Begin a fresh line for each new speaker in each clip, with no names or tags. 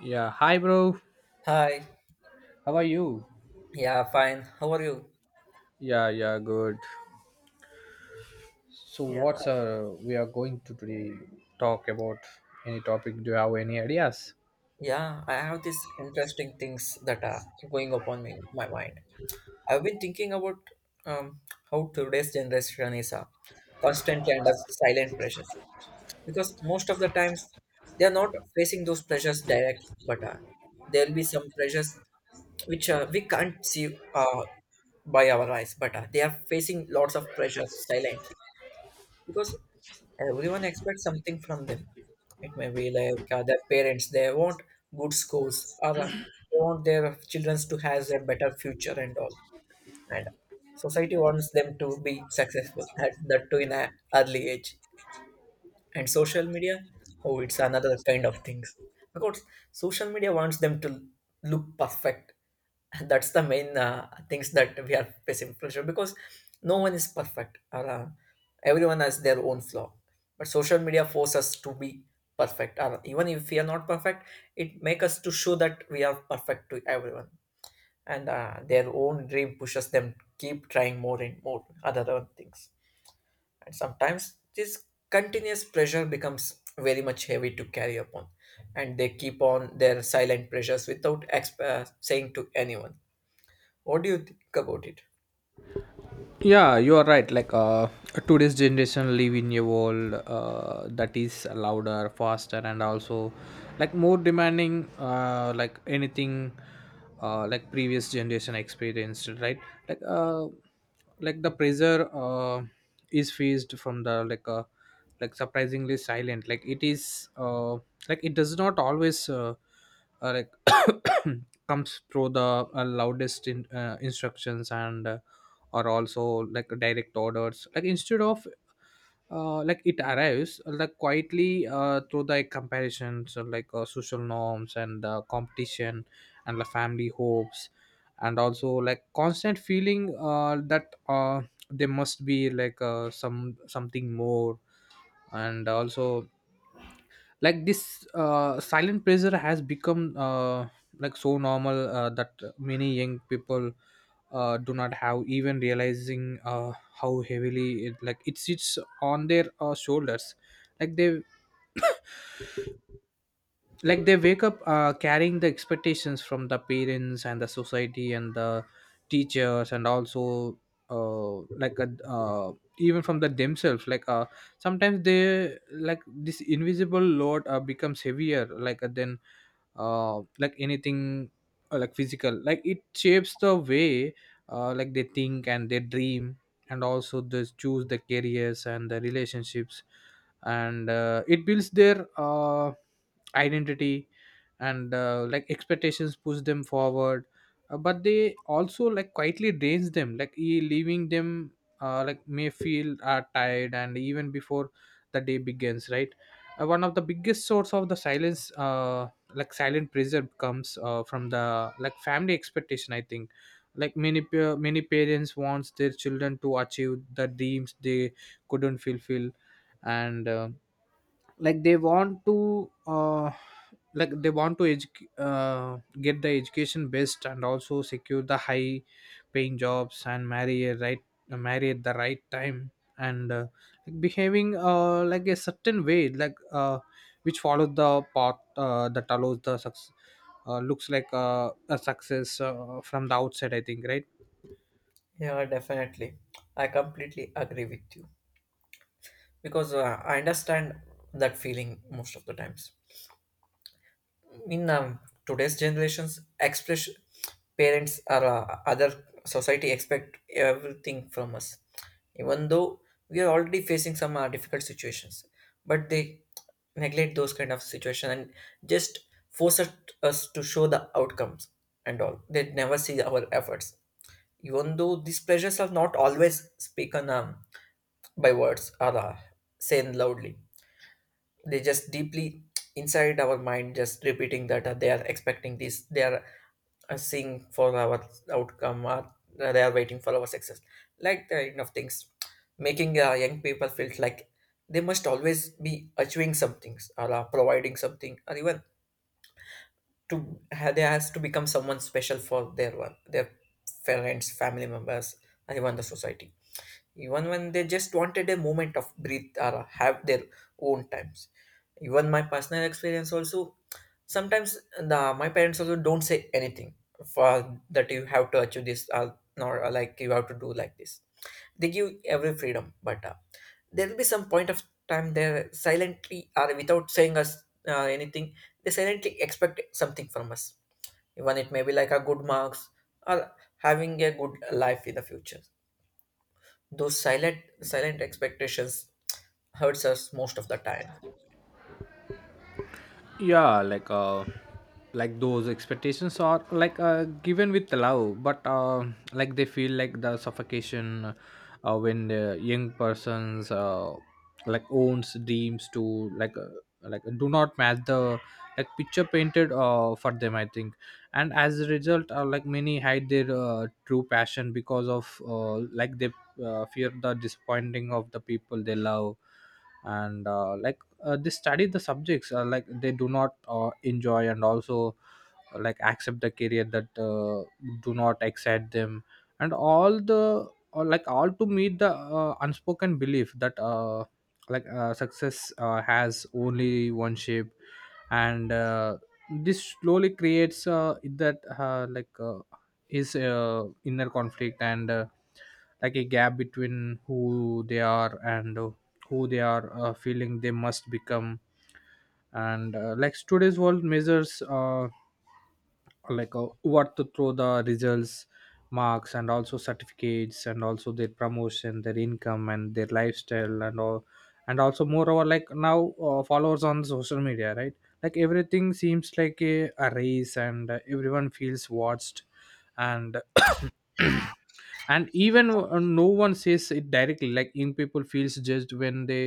Yeah, hi bro.
Hi.
How are you?
Yeah, fine. How are you?
Yeah, yeah, good. So
Yeah,
what's we are going to today talk about any topic? Do you have any ideas?
yeah. I have these interesting things that are going upon me, my mind. I've been thinking about um, how today's generation is a constant and a silent pressures because most of the times they are not facing those pressures directly, but there will be some pressures which we can't see by our eyes, but they are facing lots of pressures silently because everyone expects something from them. It may be like their parents, they want good schools or they want their children to have a better future and all. And society wants them to be successful at that too in an early age, and social media, oh, it's another kind of things because social media wants them to look perfect. That's the main things that we are facing pressure because no one is perfect, or everyone has their own flaw, but social media forces us to be perfect, or even if we are not perfect, it makes us to show that we are perfect to everyone. And their own dream pushes them keep trying more and more other things. And sometimes this continuous pressure becomes very much heavy to carry upon, and they keep on their silent pressures without saying to anyone. What do you think about it?
Yeah, you are right, today's generation live in a world that is louder, faster, and also like more demanding, like anything like previous generation experienced, right? Like uh, like the pressure is faced from the like surprisingly silent, like it does not always like comes through the loudest instructions and or also like direct orders, like instead of like it arrives like quietly through the comparisons, social norms and competition and the family hopes, and also like constant feeling that there must be like some something more. And also like this silent pressure has become like so normal that many young people do not have even realizing how heavily it sits on their shoulders. Like they like they wake up carrying the expectations from the parents and the society and the teachers, and also uh, like uh, uh, even from the themselves, sometimes they like this invisible load becomes heavier like then like anything like physical, like it shapes the way like they think and they dream, and also they choose the careers and the relationships. And it builds their identity, and like expectations push them forward. But they also like quietly drains them like leaving them like may feel are tired and even before the day begins, right? One of the biggest source of the silence, like silent pressure comes from the like family expectation, I think. Like many parents wants their children to achieve the dreams they couldn't fulfill. And like they want to get the education best and also secure the high paying jobs and marry at the right time. And like behaving like a certain way, which follows the path that allows the success, looks like a success from the outside, I think, right?
Yeah, definitely. I completely agree with you because I understand that feeling most of the times. In today's generations express, parents or other society expect everything from us even though we are already facing some difficult situations. But they neglect those kind of situation and just force us to show the outcomes and all. They never see our efforts, even though these pleasures are not always spoken by words or said loudly. They just deeply inside our mind just repeating that they are expecting this, they are seeing for our outcome, or they are waiting for our success. Like that kind of things making young people feel like they must always be achieving something or providing something, or even they has to become someone special for their one, their parents, family members, and even the society, even when they just wanted a moment of breathe or have their own times. Even my personal experience also, sometimes the my parents also don't say anything for that. You have to achieve this, or nor or like you have to do like this. They give every freedom, but there will be some point of time there silently, or without saying us anything, they silently expect something from us. Even it may be like a good marks, or having a good life in the future. Those silent expectations hurts us most of the time.
Yeah, like those expectations are like given with love, but like they feel like the suffocation when the young person's like owns dreams to like do not match the like picture painted for them, I think. And as a result, like many hide their true passion because of, like they fear the disappointing of the people they love. And they study the subjects like they do not enjoy, and also like accept the career that do not excite them, and all the or like all to meet the unspoken belief that success has only one shape. And this slowly creates that like his inner conflict and like a gap between who they are and who they are feeling they must become. And like today's world measures what to throw the results: marks and also certificates and also their promotion, their income, and their lifestyle and all. And also moreover, like now followers on social media, right? Like everything seems like a race, and everyone feels watched. And and even no one says it directly, like in people feels judged when they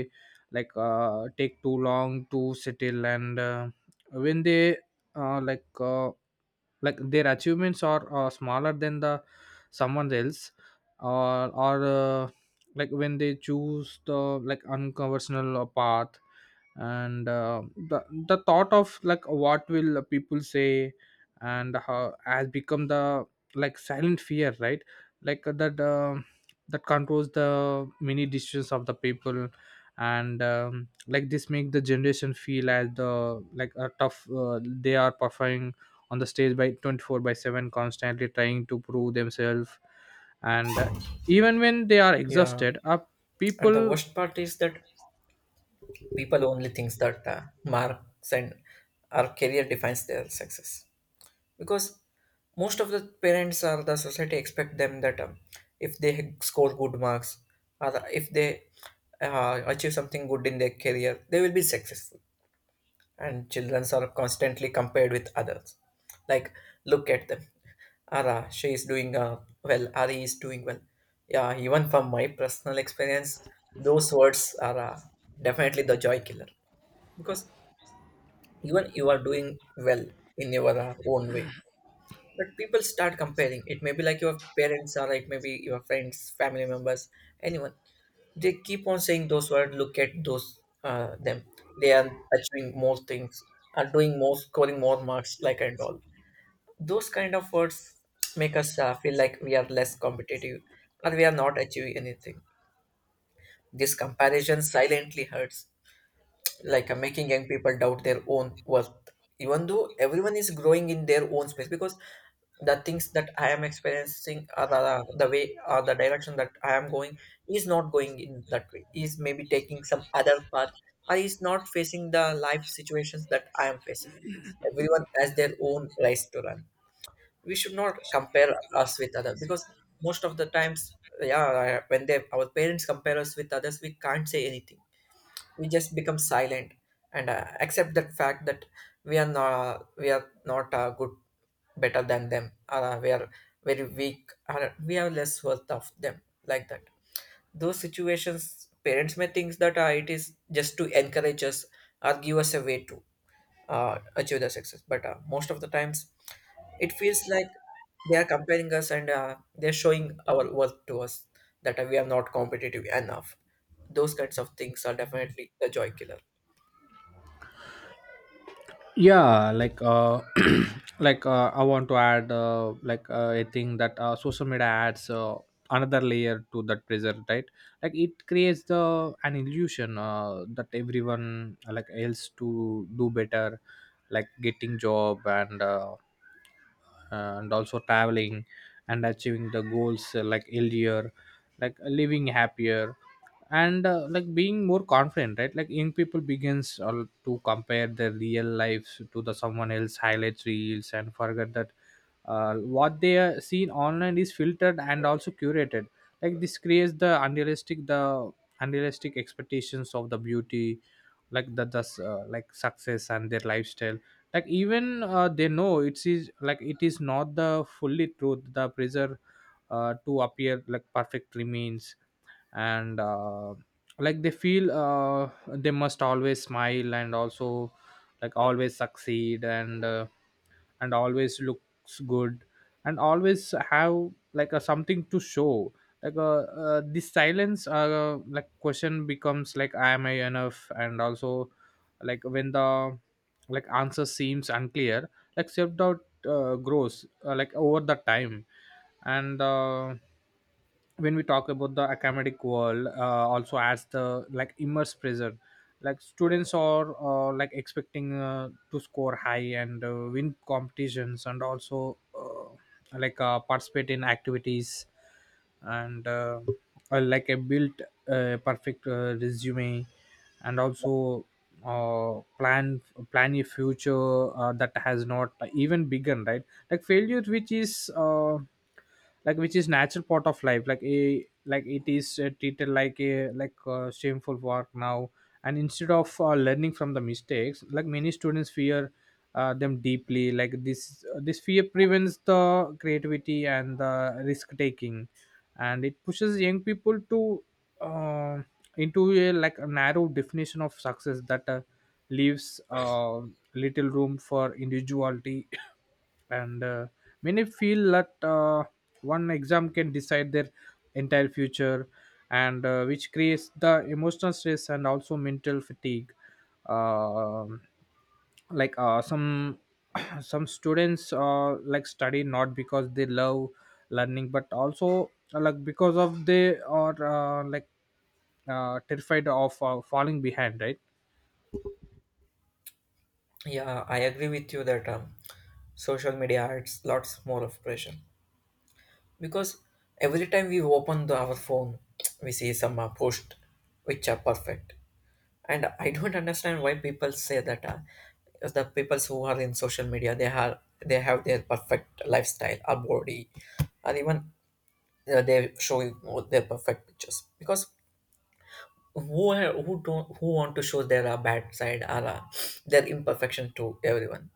take too long to settle, and when they uh, like uh, like their achievements are smaller than the someone else, or like when they choose the like unconventional path. And the the thought of like what will people say and how has become the like silent fear, right? Like that controls the many decisions of the people. And like this make the generation feel as the like a tough, they are performing on the stage by 24 by 7, constantly trying to prove themselves. And even when they are
Yeah,
exhausted,
and the
people.
worst part is that people only thinks that marks and our career defines their success, because most of the parents or the society expect them that if they score good marks, or if they achieve something good in their career, they will be successful. And children are constantly compared with others, like, look at them. Ara, she is doing well. Ari is doing well. Yeah, even from my personal experience, those words are definitely the joy killer, because even you are doing well in your own way, but people start comparing. It may be like your parents, or it may be your friends, family members, anyone. They keep on saying those words, look at those them, they are achieving more things, are doing more, scoring more marks like, and all. Those kind of words make us feel like we are less competitive, or we are not achieving anything. This comparison silently hurts, like making young people doubt their own worth, even though everyone is growing in their own space, because the things that I am experiencing, or the way, or the direction that I am going, is not going in that way, is maybe taking some other path, or is not facing the life situations that I am facing. Everyone has their own race to run. We should not compare us with others, because most of the times, yeah, when they our parents compare us with others, we can't say anything. We just become silent, and accept that fact that we are not good, better than them. Uh, we are very weak. Uh, we have less worth of them, like that. Those situations, parents may think that it is just to encourage us, or give us a way to achieve the success. But most of the times, it feels like they are comparing us, and they're showing our worth to us, that we are not competitive enough. Those kinds of things are definitely the joy killer.
Yeah, I want to add, a thing that social media adds another layer to that pressure, right? Like it creates the an illusion that everyone like else to do better, like getting job and and also traveling and achieving the goals like earlier, like living happier, and like being more confident, right? Like young people begins to compare their real lives to the someone else highlights reels and forget that what they are seen online is filtered and also curated. Like this creates the unrealistic expectations of the beauty, like the like success and their lifestyle. Like even they know it is like it is not the fully truth, the pressure to appear like perfect remains. And like they feel they must always smile, and also like always succeed, and and always looks good, and always have like a something to show. Like this silence like question becomes like am I enough? And also like when the like answer seems unclear, like self-doubt grows like over the time. And when we talk about the academic world, also adds the like immerse pressure. Like students are like expecting to score high and win competitions, and also participate in activities, and like a built perfect resume, and also uh, plan plan a future that has not even begun, right? Like failure, which is, like which is natural part of life, like it is treated like a shameful work now. And instead of learning from the mistakes, like many students fear them deeply. Like this fear prevents the creativity and the risk taking, and it pushes young people to uh into a like a narrow definition of success that leaves little room for individuality. And many feel that one exam can decide their entire future, and which creates the emotional stress and also mental fatigue. Um some some students like study not because they love learning, but also like because of they are terrified of falling behind, right?
Yeah, I agree with you that social media adds lots more of pressure, because every time we open our phone, we see some post which are perfect. And I don't understand why people say that the people who are in social media, they have their perfect lifestyle or body, or even they show you all their perfect pictures. Because who don't, who want to show their bad side, or their imperfection to everyone?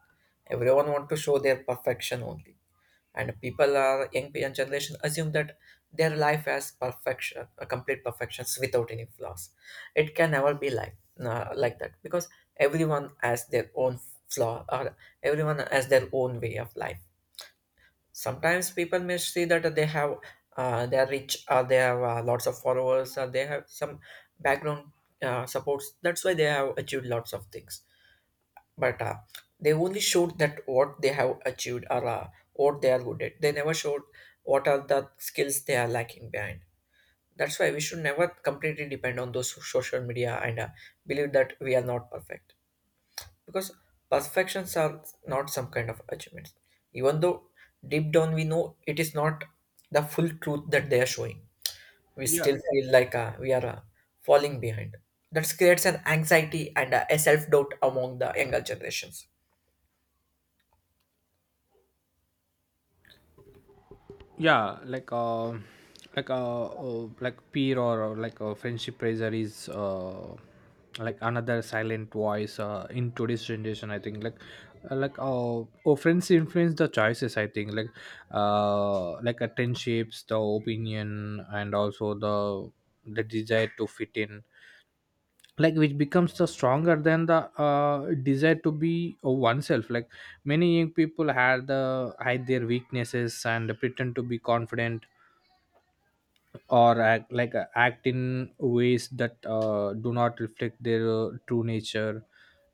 Everyone want to show their perfection only. And people are young generation assume that their life has perfection, a complete perfections without any flaws. It can never be like that, because everyone has their own flaw, or everyone has their own way of life. Sometimes people may see that they are rich, or they have lots of followers, or they have some background supports, that's why they have achieved lots of things. But they only showed that what they have achieved, or what they are good at. They never showed what are the skills they are lacking behind. That's why we should never completely depend on those social media, and believe that we are not perfect, because perfections are not some kind of achievements. Even though deep down we know it is not the full truth that they are showing, we
Yeah,
still feel like we are falling behind. That creates an anxiety and a self doubt among the younger generations.
yeah, like peer or like a friendship pressure is like another silent voice in today's generation, I think. Like friends influence the choices, I think. Like shapes the opinion and also the desire to fit in, like which becomes the stronger than the desire to be, oneself. Like many young people had the hide their weaknesses and pretend to be confident, or act act in ways that do not reflect their true nature.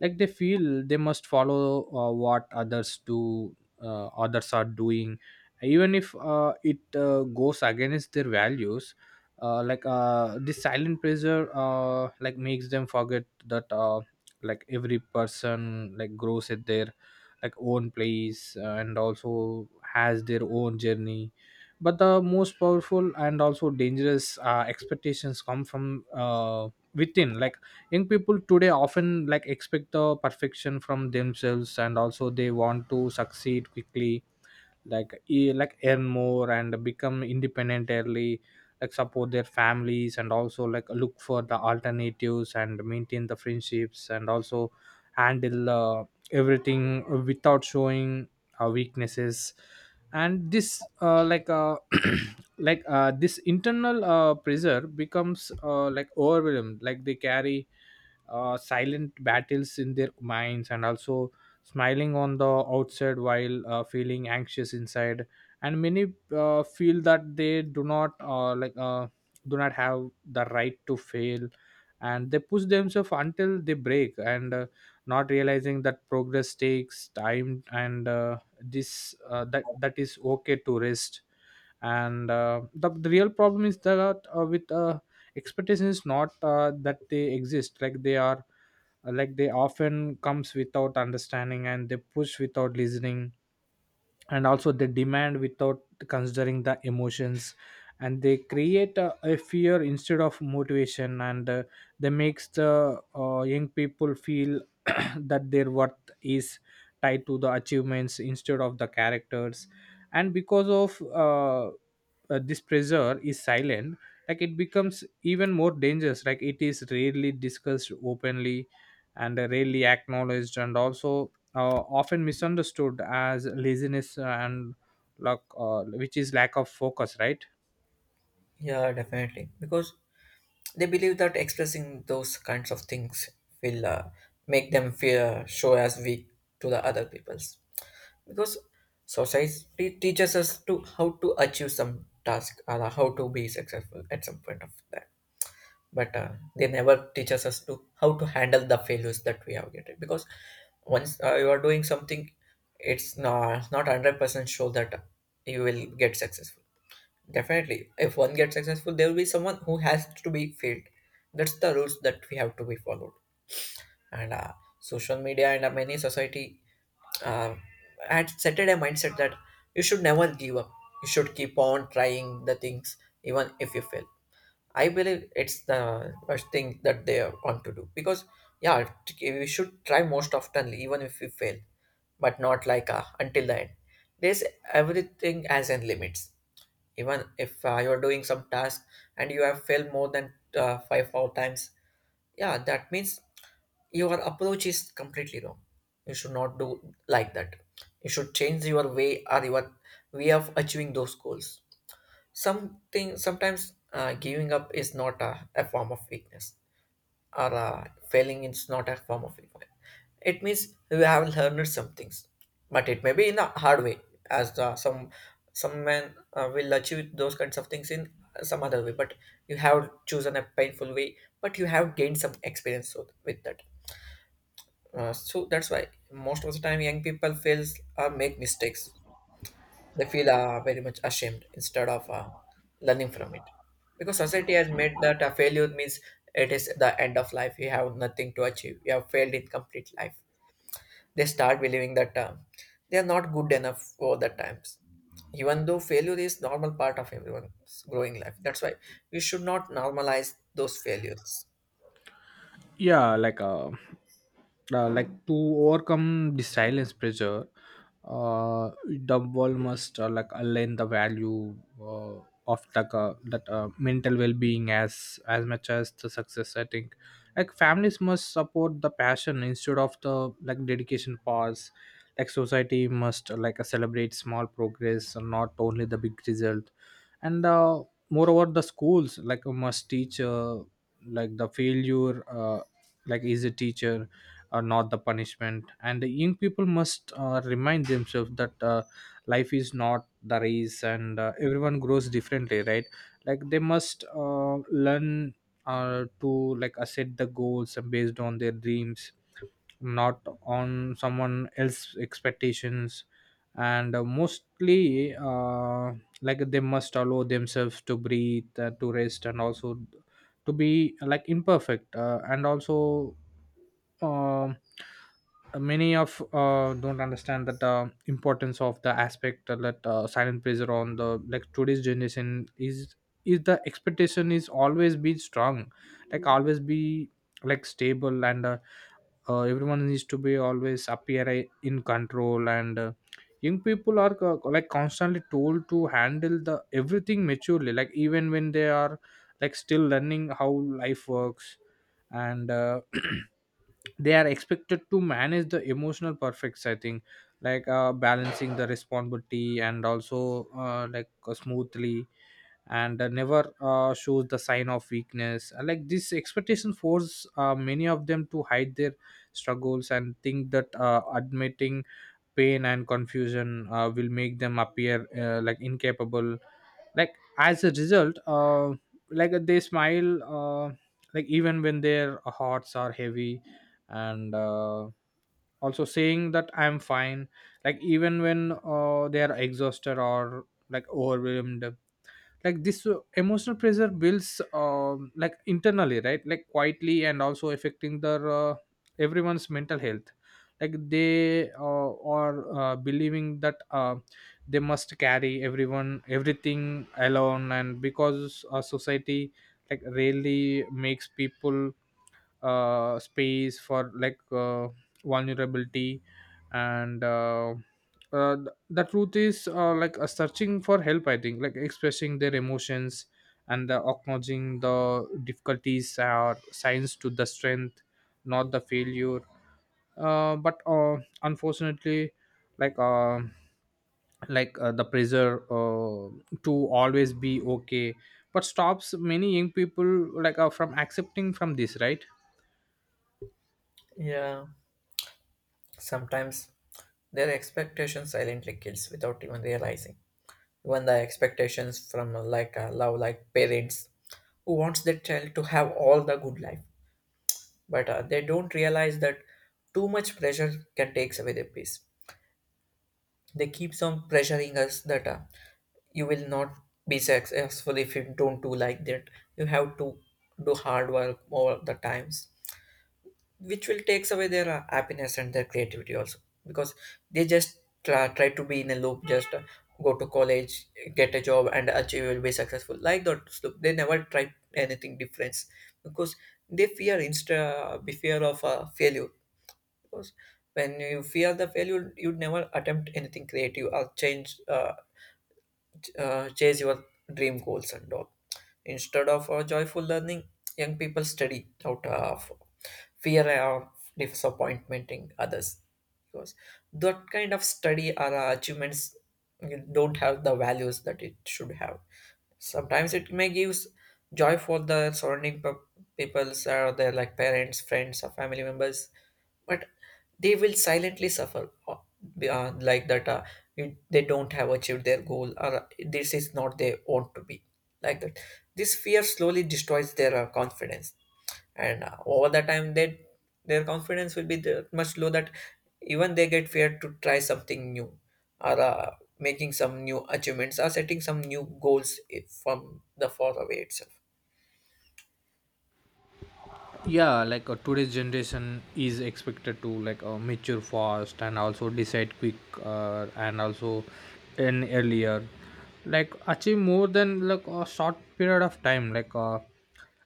Like they feel they must follow what others do, others are doing, even if it goes against their values. This silent pressure like makes them forget that, like every person like grows at their like own place, and also has their own journey. But the most powerful and also dangerous expectations come from within. Like young people today often like expect the perfection from themselves, and also they want to succeed quickly, like earn more and become independent early, like support their families, and also like look for the alternatives and maintain the friendships, and also handle everything without showing weaknesses. And this uh, like uh, this internal pressure becomes like overwhelmed. Like they carry silent battles in their minds, and also smiling on the outside while feeling anxious inside. And many feel that they do not do not have the right to fail, and they push themselves until they break, and not realizing that progress takes time, and this that is okay to rest. And the real problem is that with expectations is not that they exist, like they are like they often comes without understanding, and they push without listening, and also they demand without considering the emotions. And they create a fear instead of motivation, and they makes the young people feel that their worth is tied to the achievements instead of the characters. And because of this pressure is silent, like it becomes even more dangerous. Like it is rarely discussed Openly and rarely acknowledged, and also often misunderstood as laziness and luck, which is lack of focus, right?
Yeah, definitely. Because they believe that expressing those kinds of things will make them feel show as weak to the other people. Because society teaches us to how to achieve some task, or how to be successful at some point of time. But they never teaches us to how to handle the failures that we have getting. Because once you are doing something, it's not 100% sure that you will get successful. Definitely if one gets successful, there will be someone who has to be failed. That's the rules that we have to be followed. And social media and many society, uh, I had settled a mindset that you should never give up. You should keep on trying the things even if you fail. I believe it's the first thing that they want to do because, yeah, we should try most often even if we fail, but not like until the end. There's everything as in limits. Even if you're doing some task and you have failed more than five four times, yeah, that means your approach is completely wrong. You should not do like that. You should change your way of achieving those goals. Something sometimes giving up is not a form of weakness, or failing is not a form of weakness. It means you have learned some things, but it may be in a hard way. As the, some men will achieve those kinds of things in some other way, but you have chosen a painful way, but you have gained some experience with that. Uh, so that's why most of the time young people fails or make mistakes. They feel very much ashamed, instead of learning from it. Because society has made that a failure means it is the end of life. You have nothing to achieve. You have failed in complete life. They start believing that they are not good enough for the times. Even though failure is normal part of everyone's growing life. That's why we should not normalize those failures.
Yeah, like to overcome the silence pressure, uh the world must align the value uh, of like that mental well-being as much as the success, I think. Like families must support the passion instead of the like dedication pause. Like society must celebrate small progress and not only the big result. And moreover the schools must teach like the failure like is a teacher or not the punishment, and the young people must remind themselves that life is not the race, and everyone grows differently, right? Like they must learn to set the goals based on their dreams, not on someone else's expectations. And mostly like they must allow themselves to breathe, to rest, and also to be like imperfect, and also um many of don't understand that the importance of the aspect that silent pressure on the like today's generation is the expectation is always be strong, like always be like stable, and everyone needs to be always appear in control. And young people are like constantly told to handle the everything maturely, like even when they are like still learning how life works. And they are expected to manage the emotional perfects, I think, balancing the responsibility and also smoothly, and never shows the sign of weakness. Like this expectation force many of them to hide their struggles and think that admitting pain and confusion will make them appear like incapable. Like as a result, like they smile, like even when their hearts are heavy. And also saying that I'm fine, like even when they are exhausted or like overwhelmed. Like this emotional pressure builds like internally, right? Like quietly and also affecting their everyone's mental health. Like they are believing that they must carry everyone everything alone, and because society like rarely makes people space for vulnerability. And the truth is searching for help, I think, like expressing their emotions and the acknowledging the difficulties are signs to the strength, not the failure. But unfortunately, like uh, the pressure to always be okay but stops many young people from accepting from this, right?
Yeah, sometimes their expectations silently kills without even realizing. Even the expectations from like love, like parents, who wants their child to have all the good life, but they don't realize that too much pressure can takes away their peace. They keeps on pressuring us that you will not be successful if you don't do like that. You have to do hard work all the times which will takes away their happiness and their creativity also because they just try to be in a loop, just go to college, get a job and achieve will be successful like that loop. They never try anything different because they fear insta be fear of failure. Because when you fear the failure, you'd never attempt anything creative or change chase your dream goals and all. Instead of joyful learning, young people study out of fear of disappointing others, because that kind of study or achievements don't have the values that it should have. Sometimes it may give joy for the surrounding peoples or their like parents, friends, or family members, but they will silently suffer uh, like that uh, they don't have achieved their goal, or this is not they want to be like that. This fear slowly destroys their confidence, and over the time they their confidence will be much low that even they get fear to try something new, or making some new achievements or setting some new goals, from the far away itself.
Yeah, like today's generation is expected to mature fast and also decide quick, and also in earlier like achieve more than like a short period of time,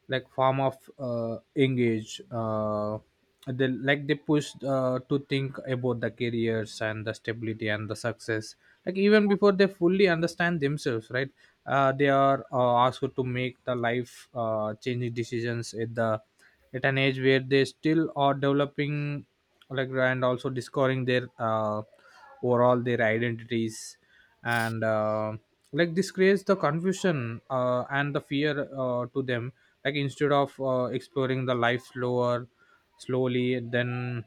like form of engage, they like they pushed to think about the careers and the stability and the success like even before they fully understand themselves, right? They are asked to make the life changing decisions at the at an age where they still are developing, like and also discovering their overall their identities. And like this creates the confusion and the fear to them. Like instead of exploring the life slower slowly then,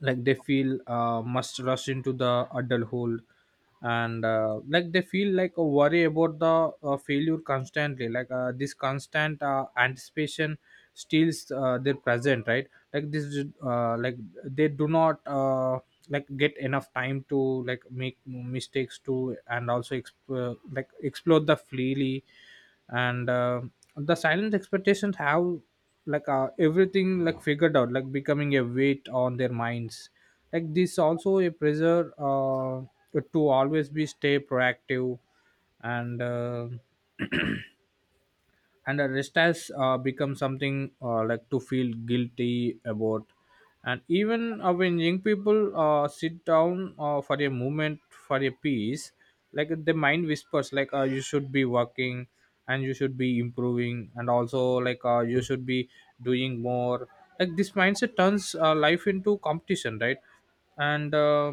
like they feel must rush into the adulthood. And like they feel like a worry about the failure constantly. Like this constant anticipation steals their present, right? Like this is, like they do not like get enough time to like make mistakes to and also like explore the freely. And the silent expectations have everything like figured out like becoming a weight on their minds. Like this also a pressure to always be stay proactive. And and the rest has become something like to feel guilty about. And even when young people sit down for a moment for a piece, like the mind whispers like you should be working, and you should be improving, and also you should be doing more. Like this mindset turns life into competition, right? and uh,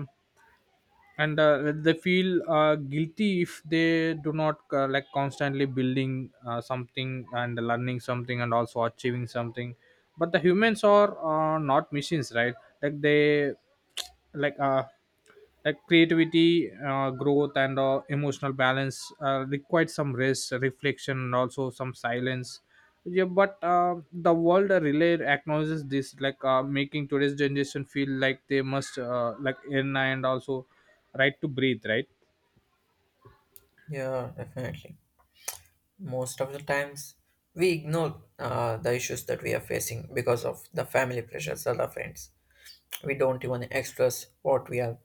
and they feel guilty if they do not like constantly building something and learning something and also achieving something. But the humans are not machines, right? Like they like uh like creativity, growth, and emotional balance requires some rest reflection and also some silence. Yeah, but the world relay acknowledges this, like making today's generation feel like they must like in and also right to breathe, right?
Yeah, definitely. Most of the times we ignore the issues that we are facing because of the family pressures or the friends. We don't even express what we are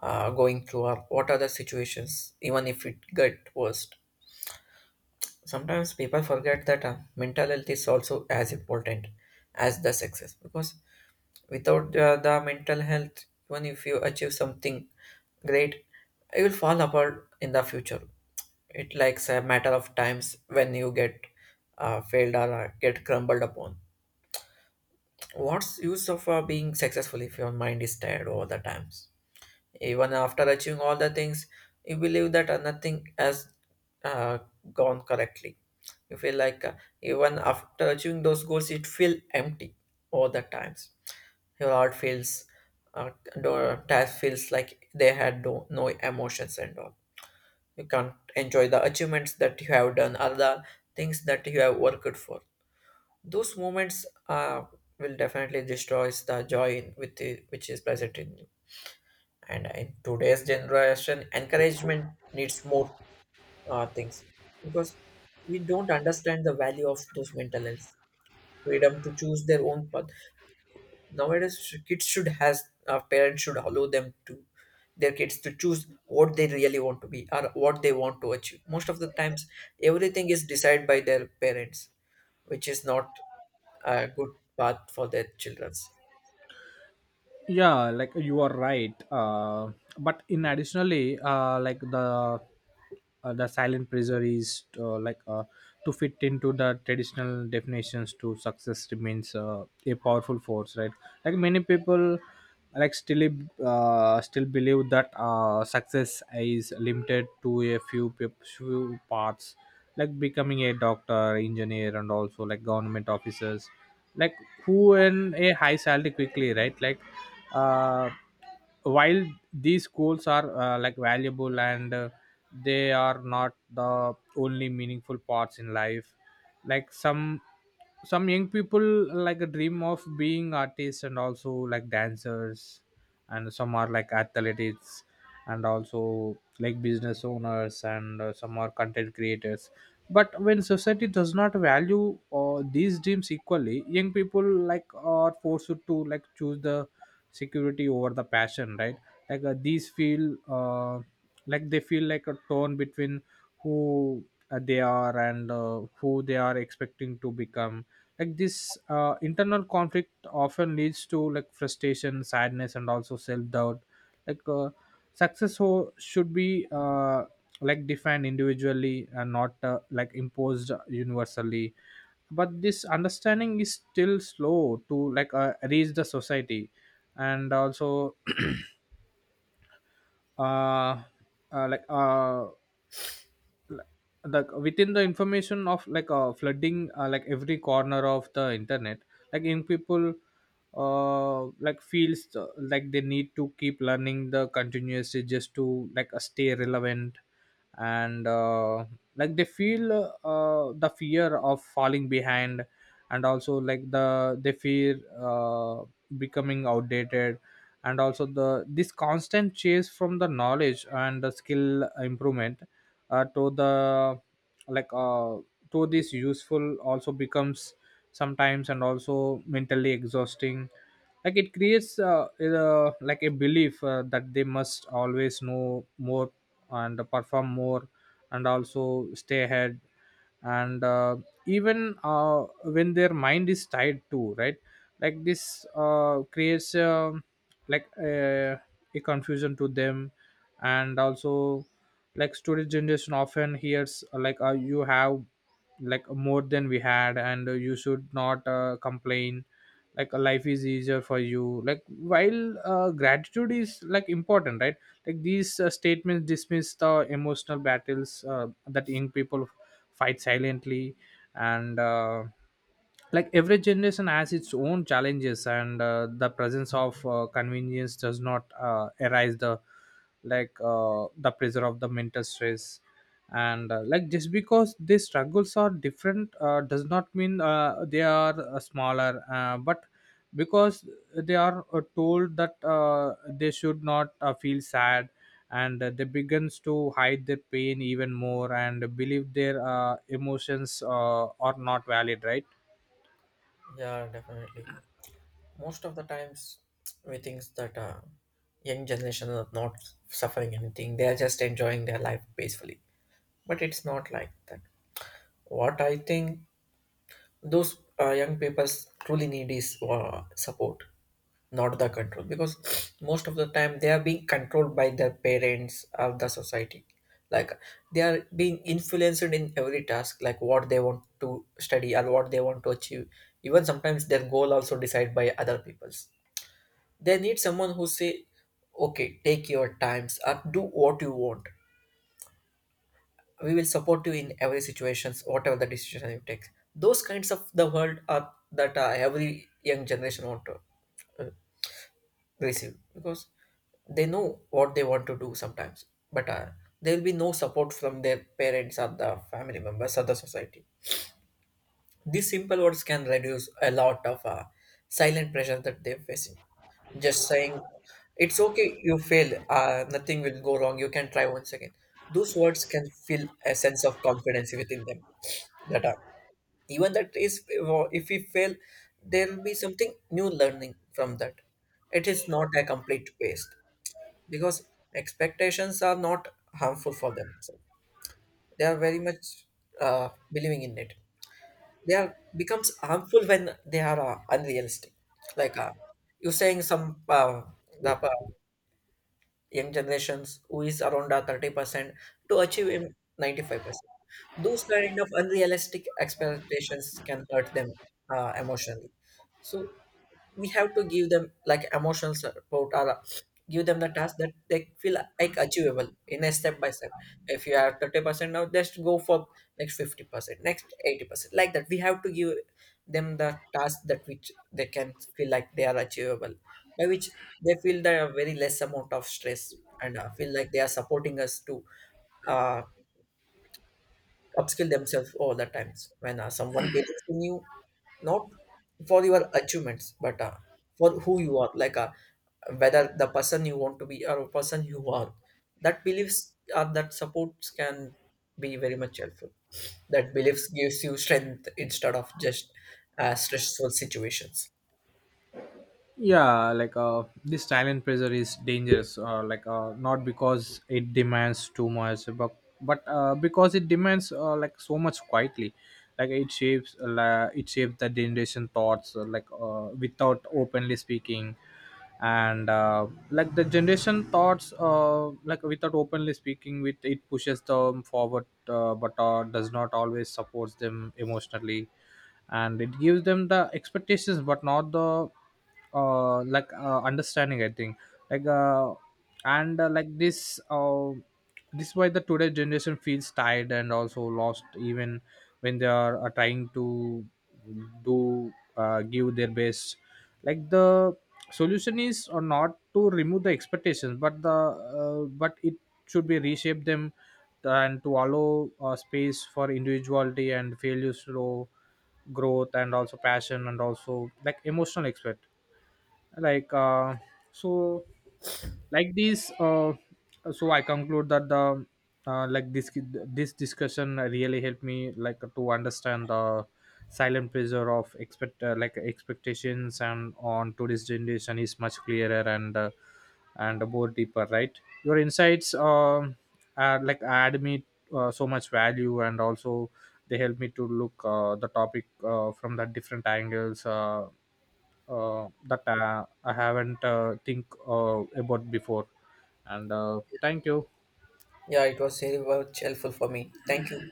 going through or what are the situations, even if it get worse. Sometimes people forget that mental health is also as important as the success, because without the mental health, even if you achieve something great, it will fall apart in the future. It likes a matter of times when you get failed or get crumbled upon. What's use of being successful if your mind is tired all the times? Even after achieving all the things, you believe that nothing has uh, gone correctly. You feel like even after achieving those goals, it feel empty all the times. Your heart feels, uh, your task feels like they had no emotions and all. You can't enjoy the achievements that you have done or the things that you have worked for. Those moments will definitely destroy the joy in, with the, which is present in you. And in today's generation, encouragement needs more things, because we don't understand the value of those mental health, freedom to choose their own path. Nowadays sh- kids should has parents should allow them to their kids to choose what they really want to be or what they want to achieve. Most of the times everything is decided by their parents, which is not a good path for their children's.
Yeah, like you are right, but in additionally the silent pressure is to fit into the traditional definitions to success remains a powerful force, right? Like many people like still still believe that success is limited to a few paths, like becoming a doctor engineer and also like government officers, like who earn a high salary quickly, right? Like uh, while these goals are like valuable, and they are not the only meaningful parts in life. Like some young people like a dream of being artists and also like dancers, and some are like athletes and also like business owners, and some are content creators. But when society does not value these dreams equally, young people like are forced to like choose the security over the passion, right? Like these feel like they feel like a torn between who they are and who they are expecting to become. Like this internal conflict often leads to like frustration sadness and also self doubt. Like success should be like defined individually and not like imposed universally, but this understanding is still slow to reach the society. And also uh, uh like uh the within the information of flooding like every corner of the internet, like young people like feels like they need to keep learning the continuously just to stay relevant. And like they feel the fear of falling behind, and also like they fear becoming outdated. And also the this constant chase from the knowledge and the skill improvement, to the like uh, to this useful also becomes sometimes and also mentally exhausting. Like it creates like a belief that they must always know more, and perform more, and also stay ahead. And even when their mind is tied too, right? Like this creates like a confusion to them. And also like today's generation often hears you have like more than we had, and you should not complain, like life is easier for you. Like while gratitude is like important, right? Like these statements dismiss the emotional battles that young people fight silently. And like every generation has its own challenges, and the presence of convenience does not arise the the pressure of the mental stress. And like just because these struggles are different does not mean they are smaller, but because they are told that they should not feel sad, and they begins to hide their pain even more and believe their emotions are not valid, right?
Yeah, definitely. Most of the times, we think that young generation are not suffering anything. They are just enjoying their life peacefully. But it's not like that. What I think those young people truly need is uh, support. Not the control, because most of the time they are being controlled by their parents or the society. Like they are being influenced in every task, like what they want to study or what they want to achieve. Even sometimes their goal also decided by other people's. They need someone who say okay, take your times or do what you want, we will support you in every situations whatever the decision you take. Those kinds of the world are that every young generation want to receive, because they know what they want to do sometimes, but there will be no support from their parents or the family members or the society. These simple words can reduce a lot of silent pressure that they're facing. Just saying, it's okay, you fail, nothing will go wrong, you can try once again. Those words can feel a sense of confidence within them. That even that is, if we fail, there will be something new learning from that. It is not a complete waste, because expectations are not harmful for them. So they are very much believing in it. They are becomes harmful when they are unrealistic. Like you're saying, some the young generations who is around 30% to achieve 95%. Those kind of unrealistic expectations can hurt them emotionally. So we have to give them like emotional support, or give them the task that they feel like achievable in a step by step. If you are 30% now, just go for next 50%, next 80%, like that we have to give them the task that which they can feel like they are achievable, by which they feel the very less amount of stress and feel like they are supporting us to uh, upskill themselves all the times. When someone believes in you, not for your achievements but for who you are, like whether the person you want to be or a person you are, that beliefs or that supports can be very much helpful. That beliefs gives you strength instead of just stressful situations.
Yeah, like this silent pressure is dangerous, like not because it demands too much but because it demands like so much quietly. Like it shapes it shapes the generation thoughts without openly speaking. And like the generation thoughts like without openly speaking with it pushes them forward, but does not always supports them emotionally. And it gives them the expectations but not the understanding, I think. like uh like this this is why the today generation feels tired and also lost even when they are trying to do give their best. Like the solution is or not to remove the expectations but the but it should be reshape them, and to allow space for individuality and failures to growth and also passion and also like emotional expert. like uh, so like this, so I conclude that the like this discussion really helped me like to understand the silent pressure of expect like expectations and on today's generation is much clearer and and more deeper, right? Your insights are like add me so much value, and also they help me to look the topic from the different angles, that I haven't think about before. And thank you.
Yeah, it was very much helpful for me. Thank you.